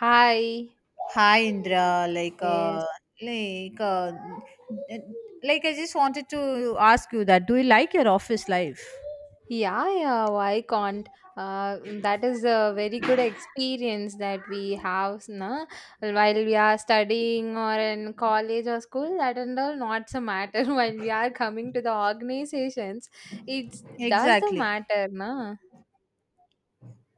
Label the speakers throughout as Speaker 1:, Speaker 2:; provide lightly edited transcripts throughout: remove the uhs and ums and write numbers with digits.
Speaker 1: Hi.
Speaker 2: Hi Indra,
Speaker 1: Yes.
Speaker 2: like uh, like I just wanted to ask you that do you like your office life?
Speaker 1: Yeah, yeah, why can't? That is a very good experience that we have, na? While we are studying or in college or school, that and all not so matter. When we are coming to the organizations, it does the
Speaker 2: Exactly.
Speaker 1: matter, na?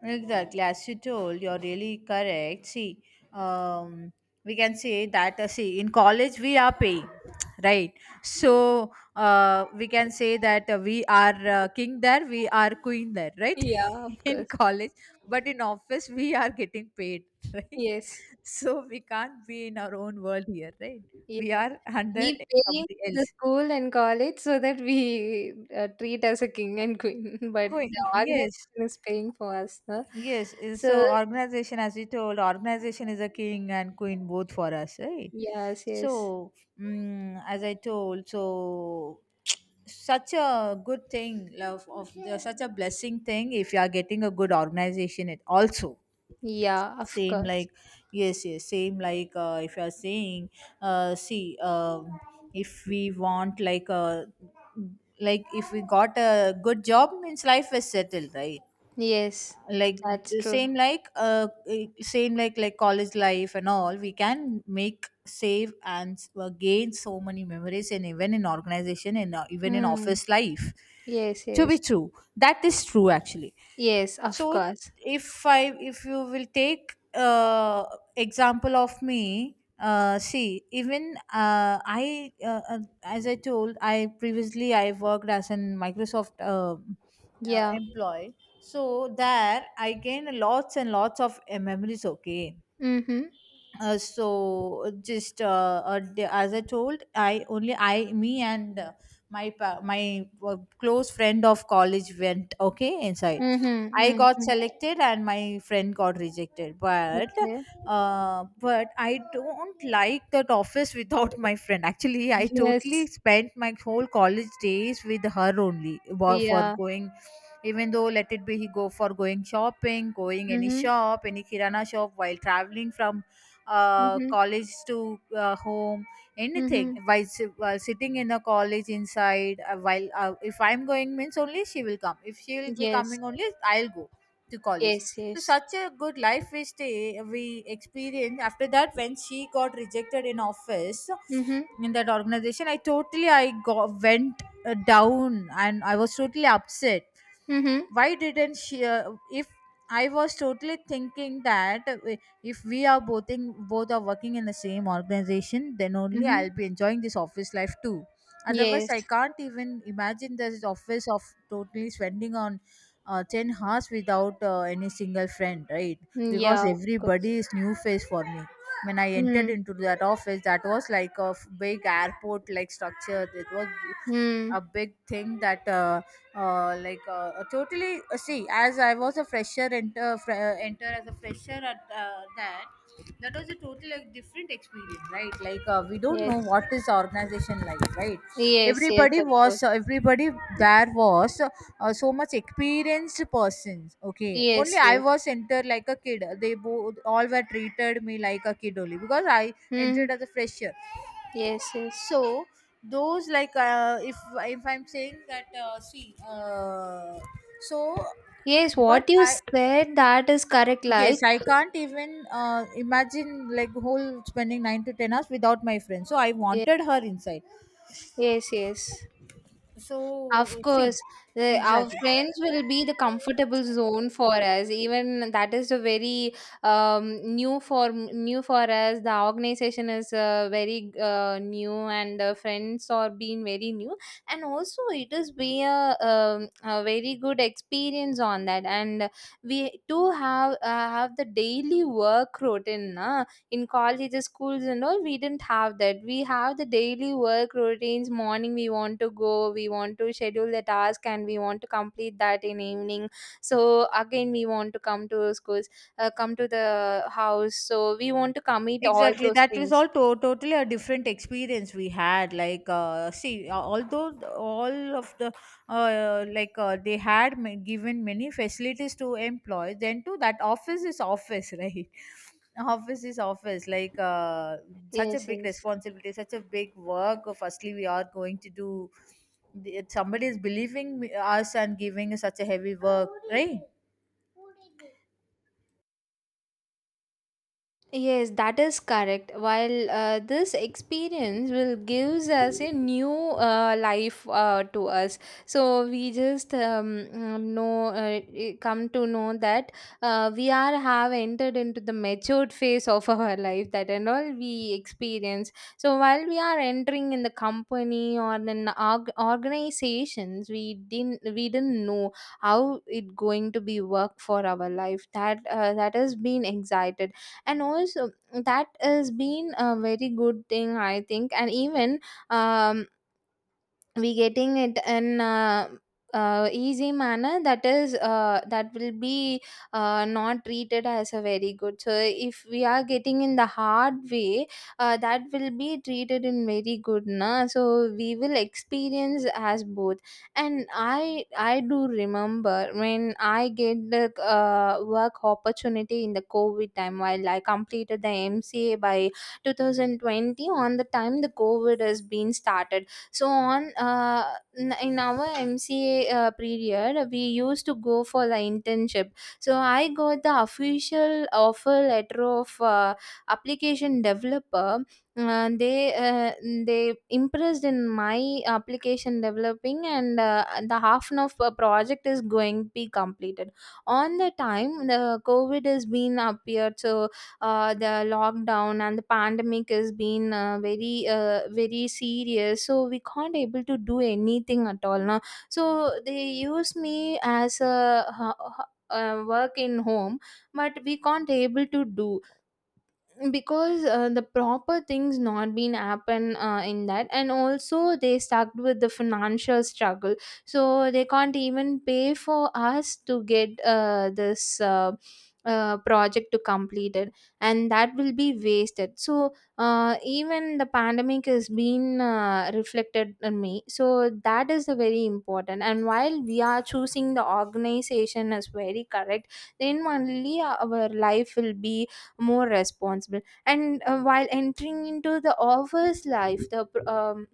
Speaker 2: Exactly, as you told, you're really correct. See, um, we can say that, see, in college we are paying, right? So, we can say that we are king there, we are queen there, right?
Speaker 1: Yeah, of
Speaker 2: In
Speaker 1: course.
Speaker 2: college, but in office we are getting paid, right?
Speaker 1: Yes.
Speaker 2: So, we can't be in our own world here, right?
Speaker 1: Yes.
Speaker 2: We are under
Speaker 1: We pay
Speaker 2: somebody
Speaker 1: to the
Speaker 2: else.
Speaker 1: school and college so that we treat as a king and queen, but
Speaker 2: Queen,
Speaker 1: the
Speaker 2: yes.
Speaker 1: organization is paying for us, no?
Speaker 2: Yes,
Speaker 1: So.
Speaker 2: so organization, as you told, organization is a king and queen both for us, right?
Speaker 1: Yes, yes.
Speaker 2: So, as I told, so such a good thing, love of the, such a blessing thing if you are getting a good organization. It also
Speaker 1: Yeah, of
Speaker 2: same
Speaker 1: course.
Speaker 2: like yes, yes, same like if you are saying, see, if we want like a like if we got a good job means life is settled, right?
Speaker 1: Yes,
Speaker 2: Like
Speaker 1: that's
Speaker 2: the
Speaker 1: true.
Speaker 2: same like same like college life and all we can make save and gain so many memories, and even in organization and even in
Speaker 1: Hmm.
Speaker 2: office life
Speaker 1: Yes,
Speaker 2: to be
Speaker 1: yes.
Speaker 2: true, that is true actually.
Speaker 1: Yes, of
Speaker 2: So
Speaker 1: course.
Speaker 2: if you will take example of me, see, even I as I told, I previously I worked as an Microsoft
Speaker 1: Yeah.
Speaker 2: employee. So there I gained lots and lots of memories, okay.
Speaker 1: Mm-hmm.
Speaker 2: As I told, I only I me and my close friend of college went, okay, inside.
Speaker 1: Mm-hmm.
Speaker 2: I got
Speaker 1: Mm-hmm.
Speaker 2: selected and my friend got rejected,
Speaker 1: Okay.
Speaker 2: but I don't like that office without my friend. Actually I totally
Speaker 1: Yes.
Speaker 2: spent my whole college days with her only, for
Speaker 1: Yeah.
Speaker 2: going, even though, let it be, he go for going shopping, going any
Speaker 1: Mm-hmm.
Speaker 2: shop, any kirana shop, while traveling from
Speaker 1: Mm-hmm.
Speaker 2: college to home, anything,
Speaker 1: Mm-hmm.
Speaker 2: while sitting in a college inside, while if I'm going means only she will come, if she will be
Speaker 1: Yes.
Speaker 2: coming only I'll go to college.
Speaker 1: Yes,
Speaker 2: So
Speaker 1: yes.
Speaker 2: such a good life we stay, we experience. After that, when she got rejected in office,
Speaker 1: Mm-hmm.
Speaker 2: in that organization, I totally I got went down, and I was totally upset.
Speaker 1: Mm-hmm.
Speaker 2: Why didn't she if I was totally thinking that if we are both in, both are working in the same organization, then only
Speaker 1: Mm-hmm.
Speaker 2: I'll be enjoying this office life too. Otherwise
Speaker 1: Yes.
Speaker 2: I can't even imagine this office of totally spending on 10 hours without any single friend, right?
Speaker 1: Yeah,
Speaker 2: Because
Speaker 1: of course.
Speaker 2: everybody is new face for me. When I entered
Speaker 1: Mm.
Speaker 2: into that office, that was like a big airport like structure. It was
Speaker 1: Mm.
Speaker 2: a big thing that like totally see, as I was a fresher, enter as a fresher at that was a totally like different experience, right? Like we don't know
Speaker 1: Yes.
Speaker 2: what is organization like, right?
Speaker 1: Yes, yes,
Speaker 2: everybody
Speaker 1: of course.
Speaker 2: was uh, everybody there was so much experienced persons, okay. Only
Speaker 1: Yes,
Speaker 2: I
Speaker 1: yes.
Speaker 2: was entered like a kid. They both all were treated me like a kid only because I
Speaker 1: Mm.
Speaker 2: entered as a fresher.
Speaker 1: Yes, yes.
Speaker 2: So those like if I'm saying that see so
Speaker 1: Yes, what
Speaker 2: but
Speaker 1: you
Speaker 2: I
Speaker 1: said, that is correct.
Speaker 2: yes,
Speaker 1: Like,
Speaker 2: I can't even imagine like whole spending 9 to 10 hours without my friend, so I
Speaker 1: ye-
Speaker 2: wanted her inside.
Speaker 1: yes, yes. Of
Speaker 2: So see,
Speaker 1: course, our
Speaker 2: exactly.
Speaker 1: friends will be the comfortable zone for us. Even that is a very new for us. The organization is very new, and the friends are being very new. And also, it is be a very good experience on that. And we too have the daily work routine, na. In colleges, schools, and all we didn't have that. We have the daily work routines. Morning, we want to go, we want to schedule the task, and we want to complete that in evening. So again we want to come to schools, come to the house, so we want to commit all
Speaker 2: Exactly,
Speaker 1: those
Speaker 2: that was
Speaker 1: things.
Speaker 2: all totally a different experience we had. Like, see, although th- all of the, like, they had given many facilities to employees, then too, that office is office, right? Office is office. Like, such a
Speaker 1: Yes,
Speaker 2: big
Speaker 1: yes.
Speaker 2: responsibility, such a big work. Firstly, we are going to do, somebody is believing us and giving us such a heavy work, right?
Speaker 1: Yes, that is correct. While this experience will gives us a new life to us, so we just come to know that we are have entered into the matured phase of our life, that and all we experience. So while we are entering in the company or in organizations, we didn't know how it going to be work for our life. That has been excited, and also that has been a very good thing, I think. And even, um, we getting it in easy manner. That will be not treated as a very good, so if we are getting in the hard way, that will be treated in very good, na. So we will experience as both. And I do remember when I get the work opportunity in the COVID time while I completed the MCA by 2020. On the time the COVID has been started, so in our MCA period, we used to go for the internship. So I got the official offer letter of application developer. uh, they uh, they impressed in my application developing, and the half an hour project is going to be completed. On the time the covid has been appeared, so the lockdown and the pandemic has been very serious. So we can't able to do anything at all now, so they use me as a work in home, but we can't able to do, because the proper things not been happen in that, and also they stuck with the financial struggle, so they can't even pay for us to get this project to complete it, and that will be wasted. So even the pandemic has been reflected on me. So that is the very important, and while we are choosing the organization as very correct, then only our life will be more responsible. And while entering into the office life, the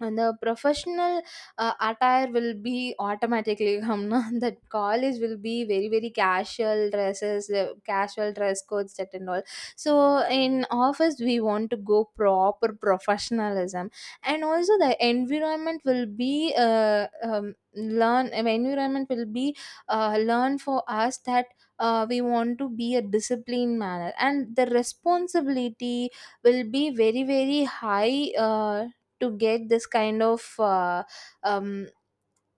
Speaker 1: and the professional attire will be automatically Hamna, that college will be very very casual dresses, casual dress codes, that and all. So in office we want to go proper professionalism. And also the environment will be learn environment will be learn for us, that we want to be a disciplined manner, and the responsibility will be very very high, to get this kind of um,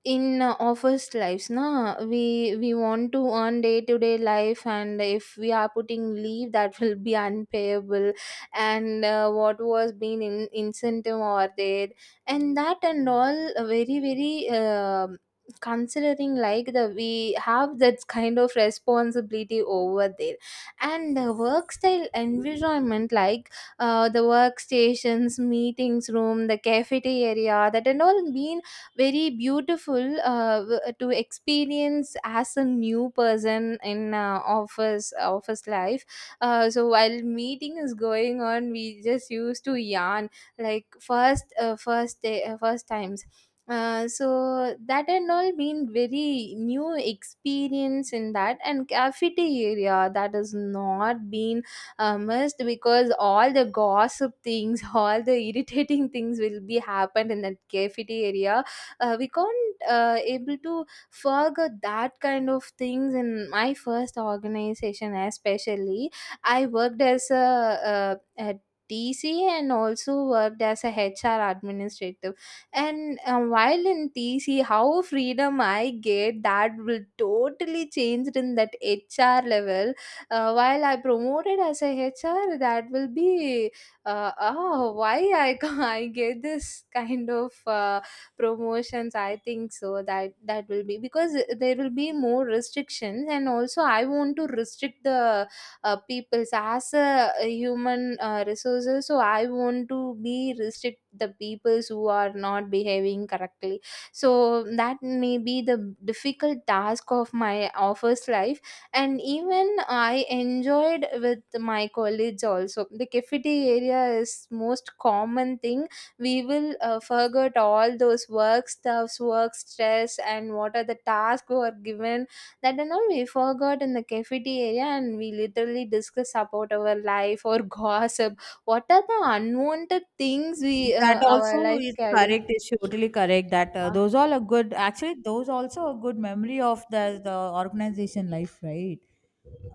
Speaker 1: in office lives, na. We we want to earn day to day life, and if we are putting leave that will be unpayable, and what was being in incentive or there, and that and all very very considering, like the we have that kind of responsibility over there. And the work style environment, like the workstations, meetings room, the cafeteria, that and all been very beautiful, to experience as a new person in office life. So while meeting is going on, we just used to yarn, like first day, first times, so that and all been very new experience in that. And cafeteria that has not been missed, because all the gossip things, all the irritating things will be happened in that cafeteria. We can't able to forget that kind of things in my first organization especially. I worked as a TC, and also worked as a HR administrative. And while in TC, how freedom I get that will totally changed in that HR level. While I promoted as a HR, that will be oh why I I get this kind of promotions, I think. So that will be because there will be more restrictions, and also I want to restrict the peoples as a human resources. So I want to be restrict the peoples who are not behaving correctly. So that may be the difficult task of my office life. And even I enjoyed with my colleagues. Also the cafeteria area is most common thing, we will forget all those work stuffs, work stress, and what are the tasks we are given, that and all we forgot in the cafeteria. And we literally discuss about our life, or gossip what are the unwanted things we
Speaker 2: That
Speaker 1: our
Speaker 2: also
Speaker 1: life
Speaker 2: is
Speaker 1: carries.
Speaker 2: correct. Is totally correct. That
Speaker 1: Ah,
Speaker 2: those all are good. Actually, those also a good memory of the organization life, right?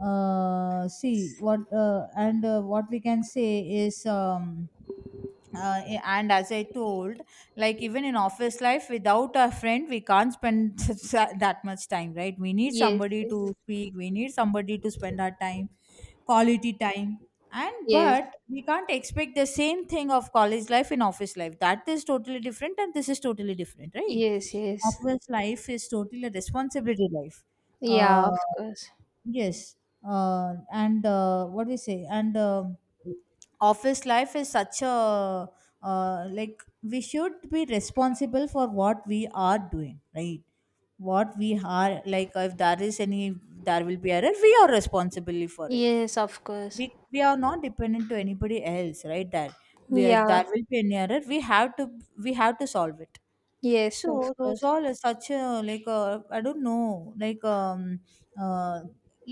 Speaker 2: See what and what we can say is and as I told, like even in office life, without a friend, we can't spend that much time, right? We need
Speaker 1: yes,
Speaker 2: somebody
Speaker 1: yes,
Speaker 2: to speak. We need somebody to spend our time, quality time. And
Speaker 1: yes,
Speaker 2: but we can't expect the same thing of college life in office life. That is totally different and this is totally different, right?
Speaker 1: yes, yes,
Speaker 2: Office life is totally a responsibility life.
Speaker 1: yeah,
Speaker 2: uh
Speaker 1: of course.
Speaker 2: yes. And What do you say? And office life is such a like we should be responsible for what we are doing, right? What we are like, if there is any, there will be error, we are responsible for it.
Speaker 1: Yes, of course.
Speaker 2: We are not dependent to anybody else, right? that we are,
Speaker 1: Yeah,
Speaker 2: there will be an error, we have to, we have to solve it.
Speaker 1: yes,
Speaker 2: So
Speaker 1: of
Speaker 2: those
Speaker 1: course.
Speaker 2: all are such a like a, I don't know, uh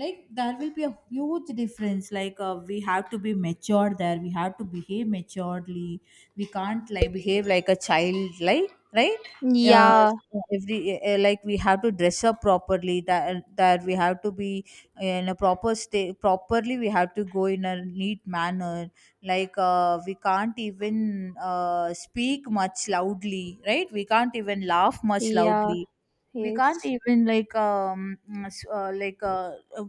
Speaker 2: like there will be a huge difference. Like we have to be mature there, we have to behave maturely. We can't like behave like a child, like, right? uh,
Speaker 1: Yeah,
Speaker 2: every like we have to dress up properly, that that we have to be in a proper state, properly we have to go in a neat manner. Like we can't even speak much loudly, right? We can't even laugh much
Speaker 1: yeah,
Speaker 2: loudly. We can't
Speaker 1: yes,
Speaker 2: even like s- uh, like uh, uh,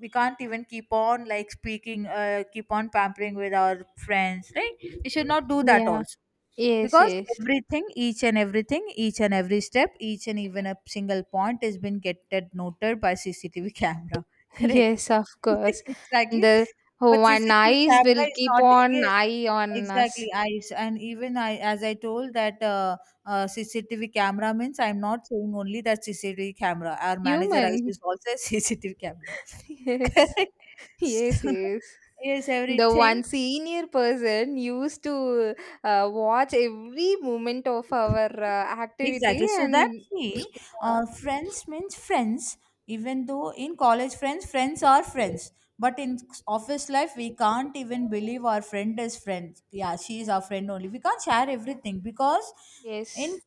Speaker 2: we can't even keep on like speaking, keep on pampering with our friends, right? We should not do that
Speaker 1: yeah,
Speaker 2: also.
Speaker 1: yes,
Speaker 2: Because
Speaker 1: yes.
Speaker 2: everything, each and everything, each and every step, each and even a single point has been getted noted by CCTV camera, correct?
Speaker 1: Yes, of course.
Speaker 2: Exactly.
Speaker 1: The
Speaker 2: But
Speaker 1: one
Speaker 2: CCTV
Speaker 1: eyes will
Speaker 2: camera is
Speaker 1: keep
Speaker 2: not,
Speaker 1: on
Speaker 2: yes,
Speaker 1: eye on
Speaker 2: exactly.
Speaker 1: us.
Speaker 2: I and even I, as I told that, CCTV camera means I'm not saying only that CCTV camera, our manager eyes is
Speaker 1: Human.
Speaker 2: also a CCTV camera.
Speaker 1: Yes.
Speaker 2: Correct.
Speaker 1: Yes,
Speaker 2: So,
Speaker 1: yes.
Speaker 2: yes,
Speaker 1: The
Speaker 2: everything.
Speaker 1: one senior person used to watch every moment of our activity,
Speaker 2: Exactly. So
Speaker 1: and
Speaker 2: that's me.
Speaker 1: uh,
Speaker 2: Friends means friends. Even though in college friends, friends are friends. But in office life, we can't even believe our friend is friend. Yeah, she is our friend only. We can't share everything because
Speaker 1: yes,
Speaker 2: in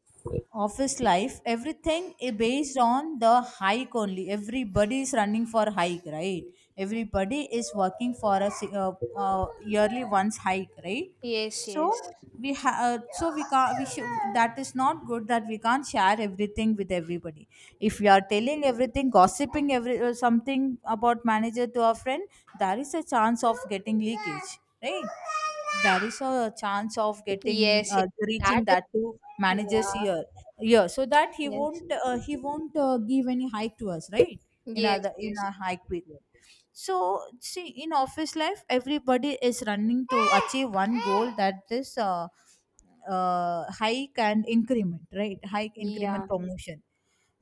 Speaker 2: office life, everything is based on the hike only. Everybody is running for hike, right? Everybody is working for a yearly once hike, right?
Speaker 1: yes,
Speaker 2: so
Speaker 1: yes,
Speaker 2: we ha- uh, so we can't, we should, that is not good, that we can't share everything with everybody. If we are telling everything, gossiping every something about manager to our friend, there is a chance of getting leakage, right? There is a chance of getting
Speaker 1: yes, yes. That
Speaker 2: reaching
Speaker 1: is,
Speaker 2: that to manager's
Speaker 1: yeah,
Speaker 2: ear, ear, so that
Speaker 1: yes,
Speaker 2: he won't give any hike to us, right, in
Speaker 1: yes,
Speaker 2: other, in
Speaker 1: yes,
Speaker 2: our hike period. So see, in office life, everybody is running to achieve one goal, that is hike and increment, right? Hike, increment,
Speaker 1: yeah.
Speaker 2: promotion.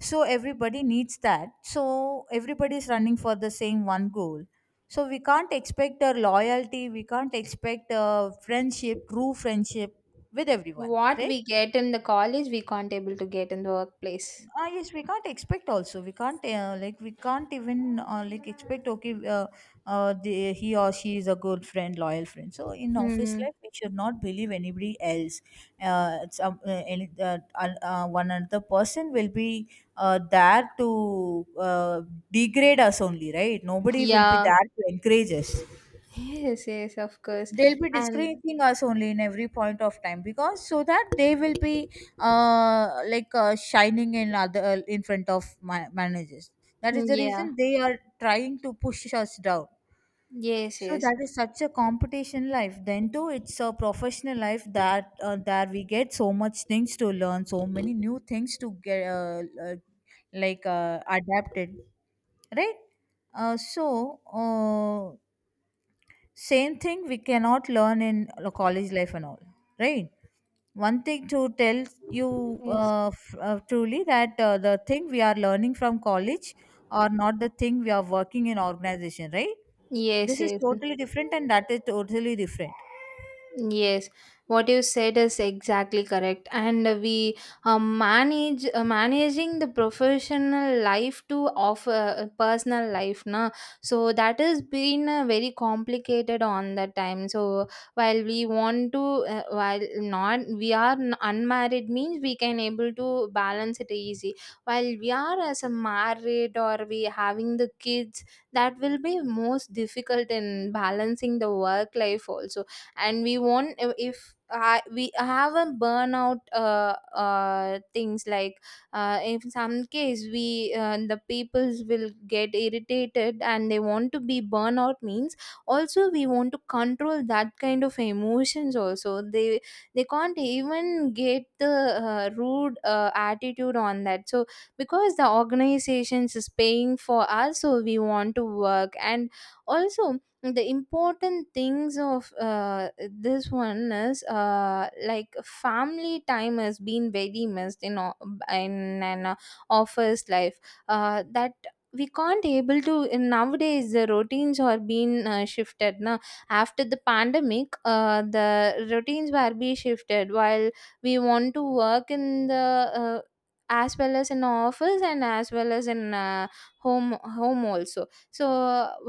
Speaker 2: So everybody needs that, so everybody is running for the same one goal. So we can't expect a loyalty, we can't expect a friendship, true friendship, with everyone,
Speaker 1: What
Speaker 2: correct?
Speaker 1: we get in the college, we can't able to get in the workplace.
Speaker 2: Ah yes, we can't expect also, we can't like we can't even like expect okay, uh, the, he or she is a good friend, loyal friend. So in office
Speaker 1: Hmm.
Speaker 2: life we should not believe anybody else. One another person will be there to uh, degrade us only, right? Nobody will be
Speaker 1: Yeah.
Speaker 2: there to encourage us.
Speaker 1: Yes, yes, of course.
Speaker 2: They'll be
Speaker 1: And,
Speaker 2: discrediting us only in every point of time, because so that they will be shining in other in front of managers. That is
Speaker 1: mm,
Speaker 2: the
Speaker 1: yeah,
Speaker 2: reason they are trying to push us down.
Speaker 1: yes,
Speaker 2: So
Speaker 1: yes,
Speaker 2: that is such a competition life. Then too, it's a professional life, that that we get so much things to learn, so many new things to get adapted, right? uh, so uh, Same thing we cannot learn in a college life and all, right? One thing to tell you,
Speaker 1: yes,
Speaker 2: truly, that the thing we are learning from college are not the thing we are working in organization, right?
Speaker 1: yes,
Speaker 2: This is
Speaker 1: yes.
Speaker 2: totally different and that is totally different.
Speaker 1: Yes, what you said is exactly correct, and we manage managing the professional life to offer personal life, na. So that has been very complicated on that time. So while we want to, while not we are unmarried means we can able to balance it easy. While we are as a married, or we having the kids, that will be most difficult in balancing the work life also. And we won't, if I, we have a burnout, things like in some case we the peoples will get irritated, and they want to be burnout means, also we want to control that kind of emotions. Also they can't even get the rude attitude on that. So because the organizations is paying for us, so we want to work. And also the important things of this one is like family time has been very missed in in an office life, that we can't able to, in nowadays the routines are being shifted now after the pandemic. The routines were be shifted, while we want to work in the as well as in office, and as well as in home also. So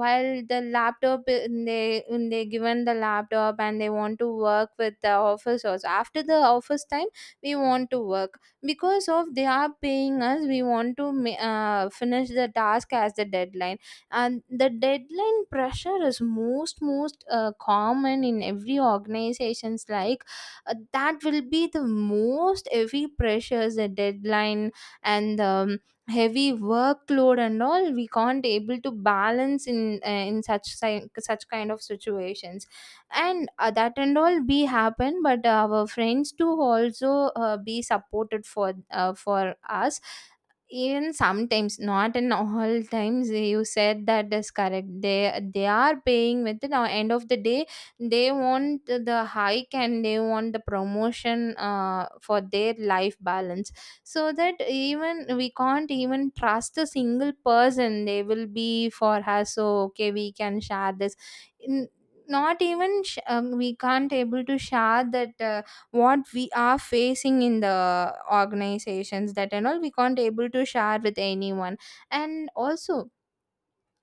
Speaker 1: while the laptop, they given the laptop, and they want to work with the office also after the office time. We want to work because of they are paying us, we want to finish the task as the deadline. And the deadline pressure is most common in every organizations, like that will be the most heavy pressures, the deadline. And heavy workload and all, we can't able to balance in such such kind of situations. And that and all be happen, but our friends too also be supported for us, even sometimes not in all times. You said that is correct, they are paying with the end of the day. They want the hike and they want the promotion, for their life balance. So that even we can't even trust a single person they will be for us, so okay we can share this. N- not even we can't able to share that what we are facing in the organizations, that and all we can't able to share with anyone. And also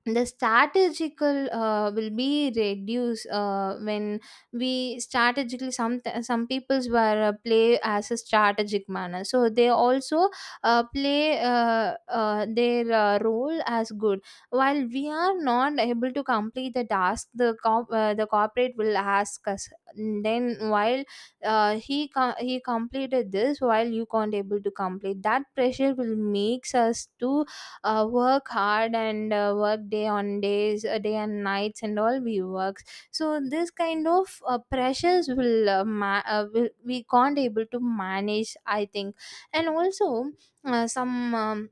Speaker 1: the strategical will be reduced when we strategically some peoples were play as a strategic manner, so they also play their role as good. While we are not able to complete the task, the the corporate will ask us. Then while he he completed this, while you can't able to complete, that pressure will makes us to work hard and work day on days, day and nights and all we works. So this kind of pressures will, will we can't able to manage, I think. And also some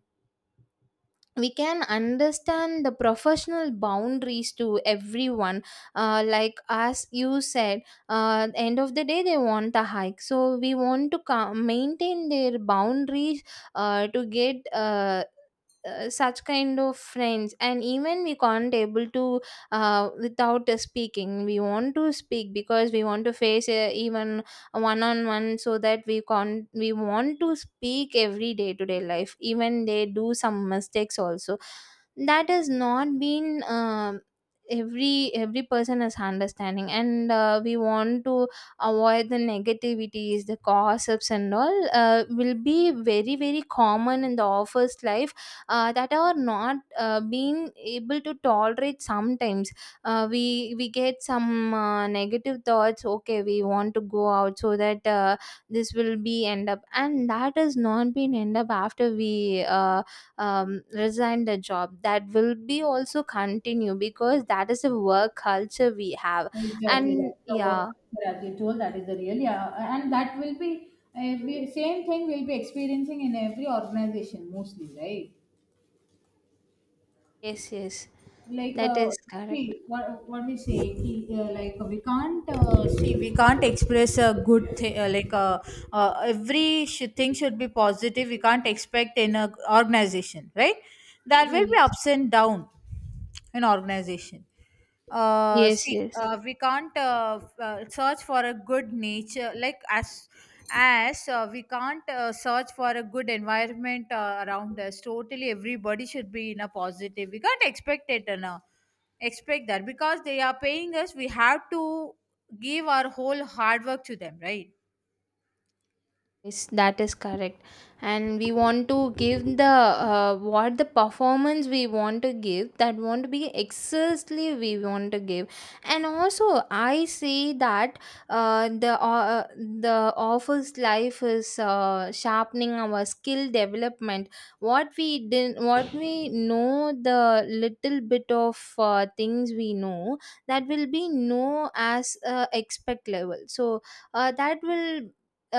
Speaker 1: we can understand the professional boundaries to everyone. Like as you said, the end of the day they want a hike, so we want to maintain their boundaries to get such kind of friends. And even we can't able to without speaking we want to speak, because we want to face even one on one, so that we can't we want to speak every day to day life, even they do some mistakes also, that has not been every person is understanding. And we want to avoid the negativities, the gossips and all will be very common in the office life, that are not being able to tolerate sometimes. We get some negative thoughts, okay we want to go out, so that this will be end up. And that has not been end up after we resign the job, that will be also continue, because that is a work culture we have.
Speaker 2: Exactly,
Speaker 1: And
Speaker 2: that's the work
Speaker 1: yeah.
Speaker 2: culture as you told. That is the real, yeah, and that will be every same thing we'll be experiencing in every organization mostly, right?
Speaker 1: Yes, yes.
Speaker 2: like
Speaker 1: That
Speaker 2: uh,
Speaker 1: is correct.
Speaker 2: see what we say ki, like we can't see we can't express a good thing every thing should be positive. We can't expect in a organization, right? There will be
Speaker 1: Yes,
Speaker 2: ups and down in organization.
Speaker 1: yes. Yes.
Speaker 2: We can't search for a good nature like as as we can't search for a good environment around us. Totally, everybody should be in a positive. We can't expect it, and expect that because they are paying us. We have to give our whole hard work to them, right?
Speaker 1: Yes, that is correct. And we want to give the what the performance we want to give, that want to be excessively we want to give. And also, I say that the office life is sharpening our skill development. What we didn't, what we know, the little bit of things we know, that will be no as expect level. So that will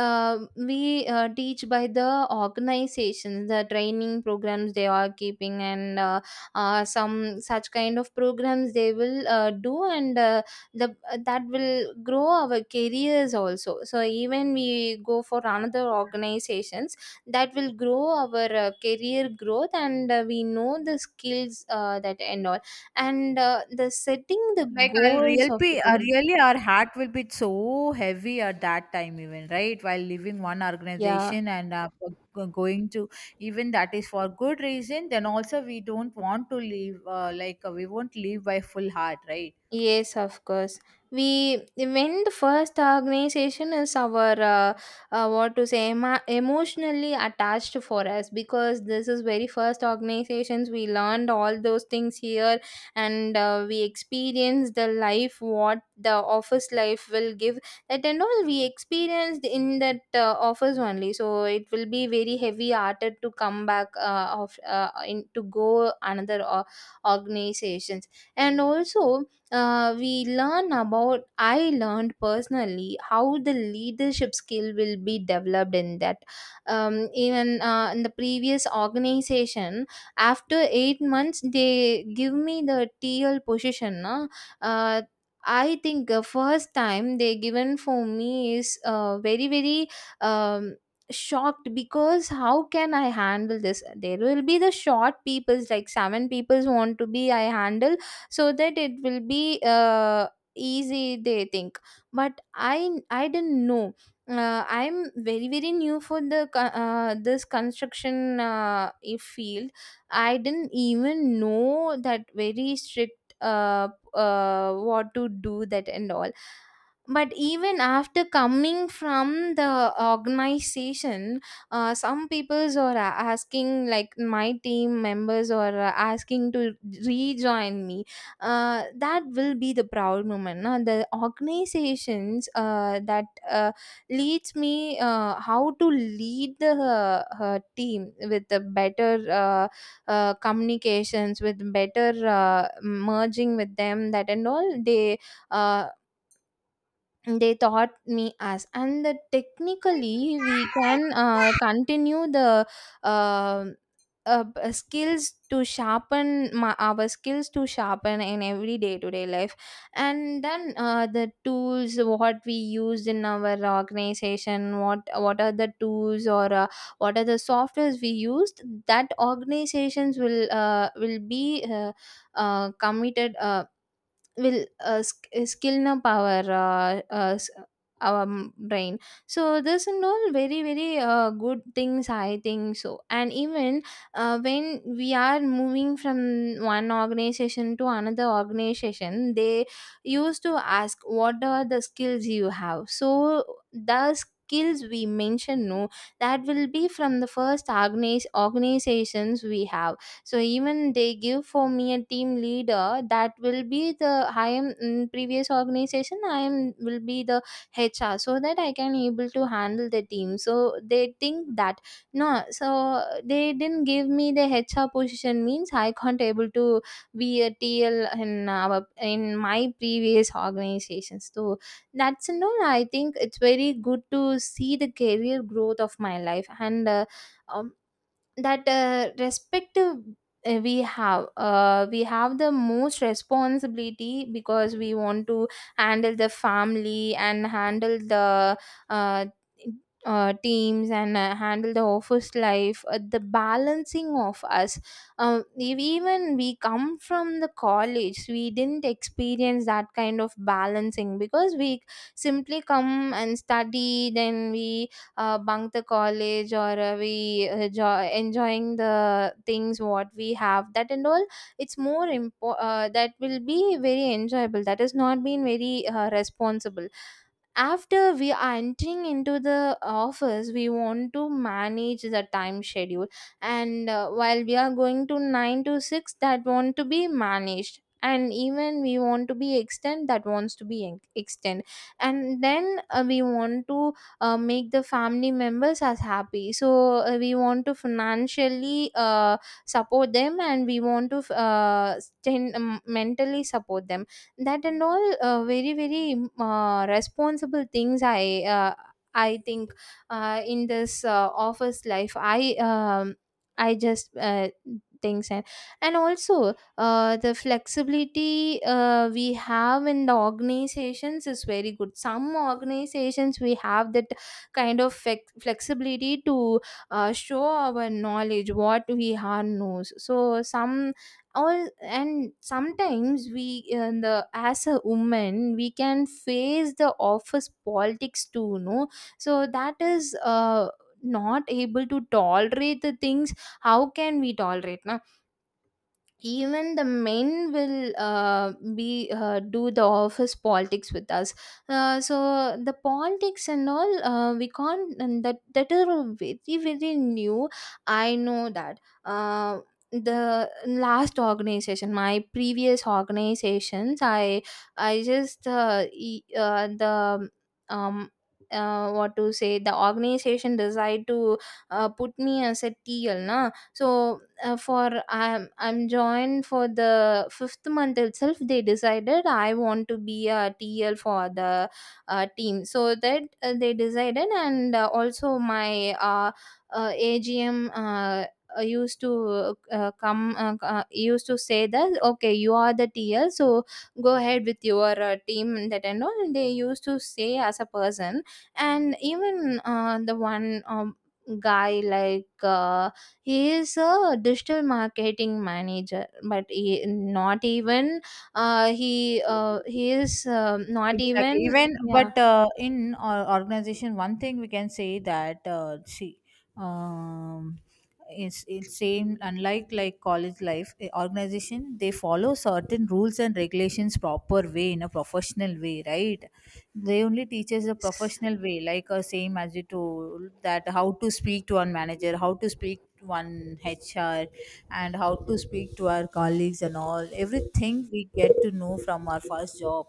Speaker 1: we teach by the organizations, the training programs they are keeping, and some such kind of programs they will do, and the that will grow our careers also. So even we go for another organizations, that will grow our career growth, and we know the skills that and all, and the setting the goals of the career.
Speaker 2: Really our heart will be so heavy at that time even, right, while leaving one
Speaker 1: Yeah.
Speaker 2: organization, and going to, even that is for good reason then also we don't want to leave, we won't leave by full heart, right?
Speaker 1: Yes, of course. We, when the first organization is our what to say, emotionally attached for us, because this is very first organizations we learned all those things here. And we experience the life what the office life will give, that and all we experienced in that office only. So it will be very heavy hearted to come back of in to go another organizations. And also we learn about, I learned personally how the leadership skill will be developed in that. Even in the previous organization, after 8 months they give me the TL position na. uh, I think the first time they given for me is very um, shocked, because how can I handle this? There will be the short peoples like seven peoples want to be I handle, so that it will be easy, they think. But I didn't know, I'm very new for the this construction field. I didn't even know that very strict what to do, that and all. But even after coming from the organization, some peoples are asking, like my team members are asking to rejoin me. That will be the proud moment na? The organizations that leads me how to lead the her team with the better communications, with better merging with them, that and all uh, they taught me. As and the technically we can continue the uh, skills to sharpen my, our skills to sharpen in every day to day life. And then the tools what we use in our organization, what are the tools or what are the softwares we used, that organizations will be committed will skill na power, our brain. So this and all very good things, I think so. And even when we are moving from one organization to another organization, they used to ask what are the skills you have. So the skills we mention no, that will be from the first organizations we have. So even they give for me a team leader, that will be the, I am in previous organization, I am will be the HR, so that I can able to handle the team, so they think that. No, so they didn't give me the HR position means I can't able to be a TL in our, in my previous organizations. So that's no, I think it's very good to see the career growth of my life. And um, that respective we have the most responsibility, because we want to handle the family and handle the uh, teams, and handle the office life, the balancing of us. If even we come from the college, we didn't experience that kind of balancing, because we simply come and study, then we bunk the college or we enjoying the things what we have, that and all. It's that will be very enjoyable. That has not been very responsible. After we are entering into the office, we want to manage the time schedule. And while we are going to 9 to 6, that want to be managed, and even we want to be extend, that wants to be extend. And then we want to make the family members as happy. So we want to financially support them, and we want to mentally support them. That and all very responsible things, I think. In this office life, I just things. And also the flexibility we have in the organizations is very good. Some organizations we have that kind of flexibility to show our knowledge what we are knows. So some all, and sometimes we in the, as a woman we can face the office politics too no. So that is uh, not able to tolerate the things. How can we tolerate? Even the men will be do the office politics with us. So the politics and all we can't, and that are very new. I know that. uh, the last organization, my previous organizations, I just the um what to say, the organization decide to put me as a TL na. So for I'm joined for the fifth month itself. They decided I want to be a TL for the team. So that they decided. And also my uh, AGM used to come, used to say that okay, you are the TL, so go ahead with your team and that and all. And they used to say as a person. And even the one guy, like uh, he is a digital marketing manager, but he not even he is not
Speaker 2: Exactly.
Speaker 1: even.
Speaker 2: Even,
Speaker 1: Yeah.
Speaker 2: but in our organization, one thing we can say that see, um, it's same. Unlike like college life, organization, they follow certain rules and regulations proper way in a professional way, right? They only teach us the professional way, like same as you told, that how to speak to one manager, how to speak to one HR, and how to speak to our colleagues and all. Everything we get to know from our first job,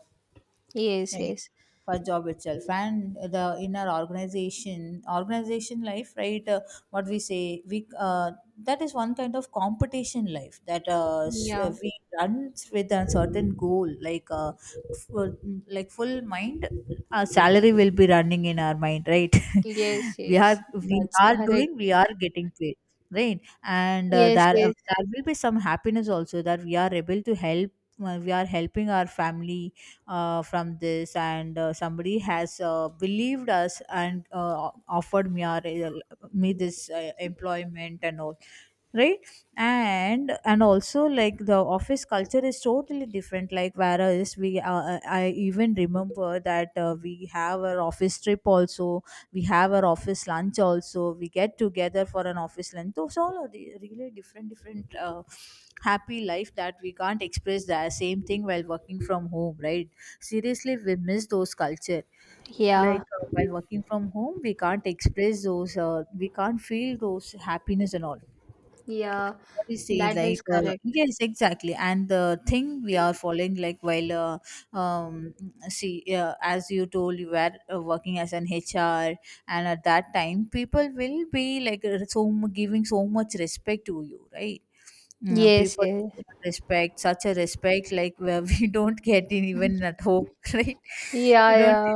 Speaker 1: Yes,
Speaker 2: right?
Speaker 1: yes.
Speaker 2: For job itself. And the in our organization life, right? What we say, we that is one kind of competition life that
Speaker 1: Yeah.
Speaker 2: we run with a certain goal, like full, like full mind, our salary will be running in our mind, right?
Speaker 1: Yes,
Speaker 2: we are
Speaker 1: yes,
Speaker 2: we
Speaker 1: that's
Speaker 2: are
Speaker 1: correct.
Speaker 2: doing, we are getting paid, right? and uh,
Speaker 1: Yes,
Speaker 2: there uh,
Speaker 1: yes.
Speaker 2: there will be some happiness also, that we are able to help, we are helping our family from this. And somebody has believed us and me this employment and all, right? And also, like the office culture is totally different, like whereas we I even remember that we have our office trip also, we have our office lunch also, we get together for an office lunch. Those all are the really different happy life, that we can't express the same thing while working from home, right? Seriously, we miss those culture.
Speaker 1: Yeah,
Speaker 2: Like while working from home, we can't express those, we can't feel those happiness and all.
Speaker 1: yeah,
Speaker 2: What do you say?
Speaker 1: that
Speaker 2: Like,
Speaker 1: is correct.
Speaker 2: yes, exactly. And the thing we are following, like, um, see, as you told, you were working as an HR, and at that time, people will be like giving so much respect to you, right? Mm.
Speaker 1: Yes,
Speaker 2: People
Speaker 1: yes.
Speaker 2: respect, such a respect, like where we don't get in even at home, right?
Speaker 1: Yeah,
Speaker 2: We don't.
Speaker 1: yeah,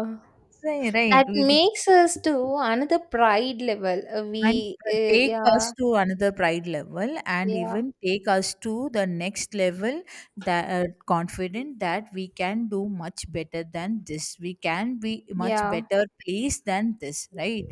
Speaker 2: Say right.
Speaker 1: that
Speaker 2: We
Speaker 1: makes us to another pride level.
Speaker 2: and
Speaker 1: We
Speaker 2: take us
Speaker 1: Yeah.
Speaker 2: to another pride level, and
Speaker 1: Yeah,
Speaker 2: even take us to the next level. That confident, that we can do much better than this, we can be much
Speaker 1: yeah.
Speaker 2: better place than this, right?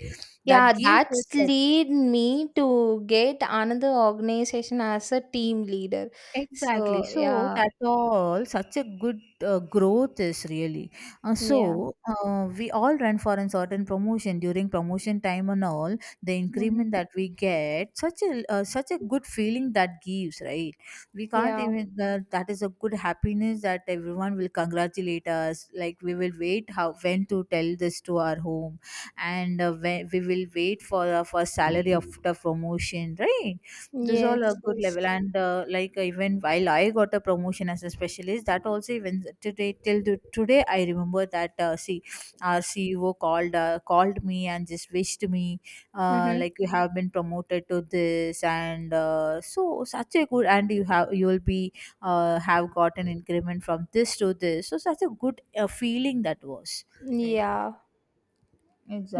Speaker 1: Yeah,
Speaker 2: That gives
Speaker 1: that's
Speaker 2: us.
Speaker 1: lead me to get another organization as a team leader.
Speaker 2: Exactly.
Speaker 1: So
Speaker 2: So
Speaker 1: yeah,
Speaker 2: that's all such a good growth is really.
Speaker 1: yeah,
Speaker 2: We all run for a certain promotion during promotion time and all, the
Speaker 1: hmm.
Speaker 2: increment that we get, such a such a good feeling that gives, right? We can't
Speaker 1: Yeah,
Speaker 2: even, that that is a good happiness, that everyone will congratulate us. Like we will wait how when to tell this to our home. And we will wait for our first salary after promotion, right? Those
Speaker 1: yes,
Speaker 2: all are good
Speaker 1: yes,
Speaker 2: level. And even while I got a promotion as a specialist, that also, even today till to, today I remember that, see, our CEO called me and just wished me,
Speaker 1: mm-hmm.
Speaker 2: like, you have been promoted to this, and so such a good, and you have you will be have got an increment from this to this, so such a good feeling that was, right?
Speaker 1: Yeah.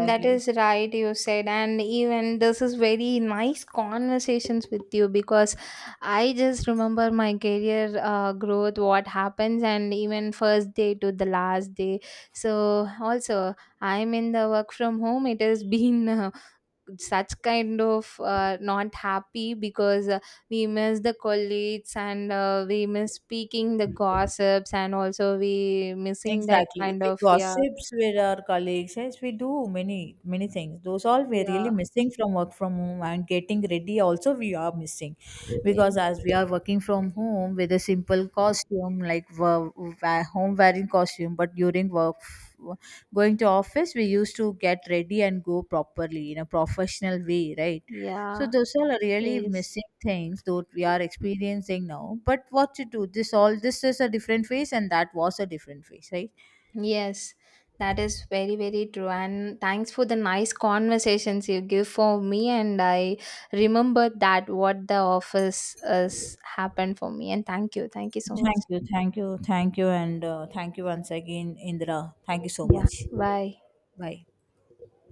Speaker 1: That is right, you said, and even this is very nice conversations with you, because I just remember my career growth, what happens, and even first day to the last day. So also, I'm in the work from home. It has been. Such kind of not happy, because we miss the colleagues, and we miss speaking the gossips, and also we missing that
Speaker 2: Exactly.
Speaker 1: kind
Speaker 2: We
Speaker 1: of. Yeah,
Speaker 2: gossips with our colleagues. Yes, we do many, many things. Those all we're really
Speaker 1: yeah,
Speaker 2: missing from work from home, and getting ready also we are missing.
Speaker 1: yeah,
Speaker 2: Because as we are working from home with a simple costume, like home wearing costume, but during work, going to office, we used to get ready and go properly in a professional way, right? So
Speaker 1: yeah.
Speaker 2: those all are really
Speaker 1: Yes,
Speaker 2: missing things that we are experiencing now. But what to do? This all, this is a different phase and that was a different phase, right?
Speaker 1: yes, that is very true. And thanks for the nice conversations you give for me, and I remember that what the office has happened for me, and thank you, thank you so much.
Speaker 2: Thank you, thank you, thank you, and thank you once again, Indra. Thank you so
Speaker 1: Yeah,
Speaker 2: much.
Speaker 1: bye.
Speaker 2: Bye.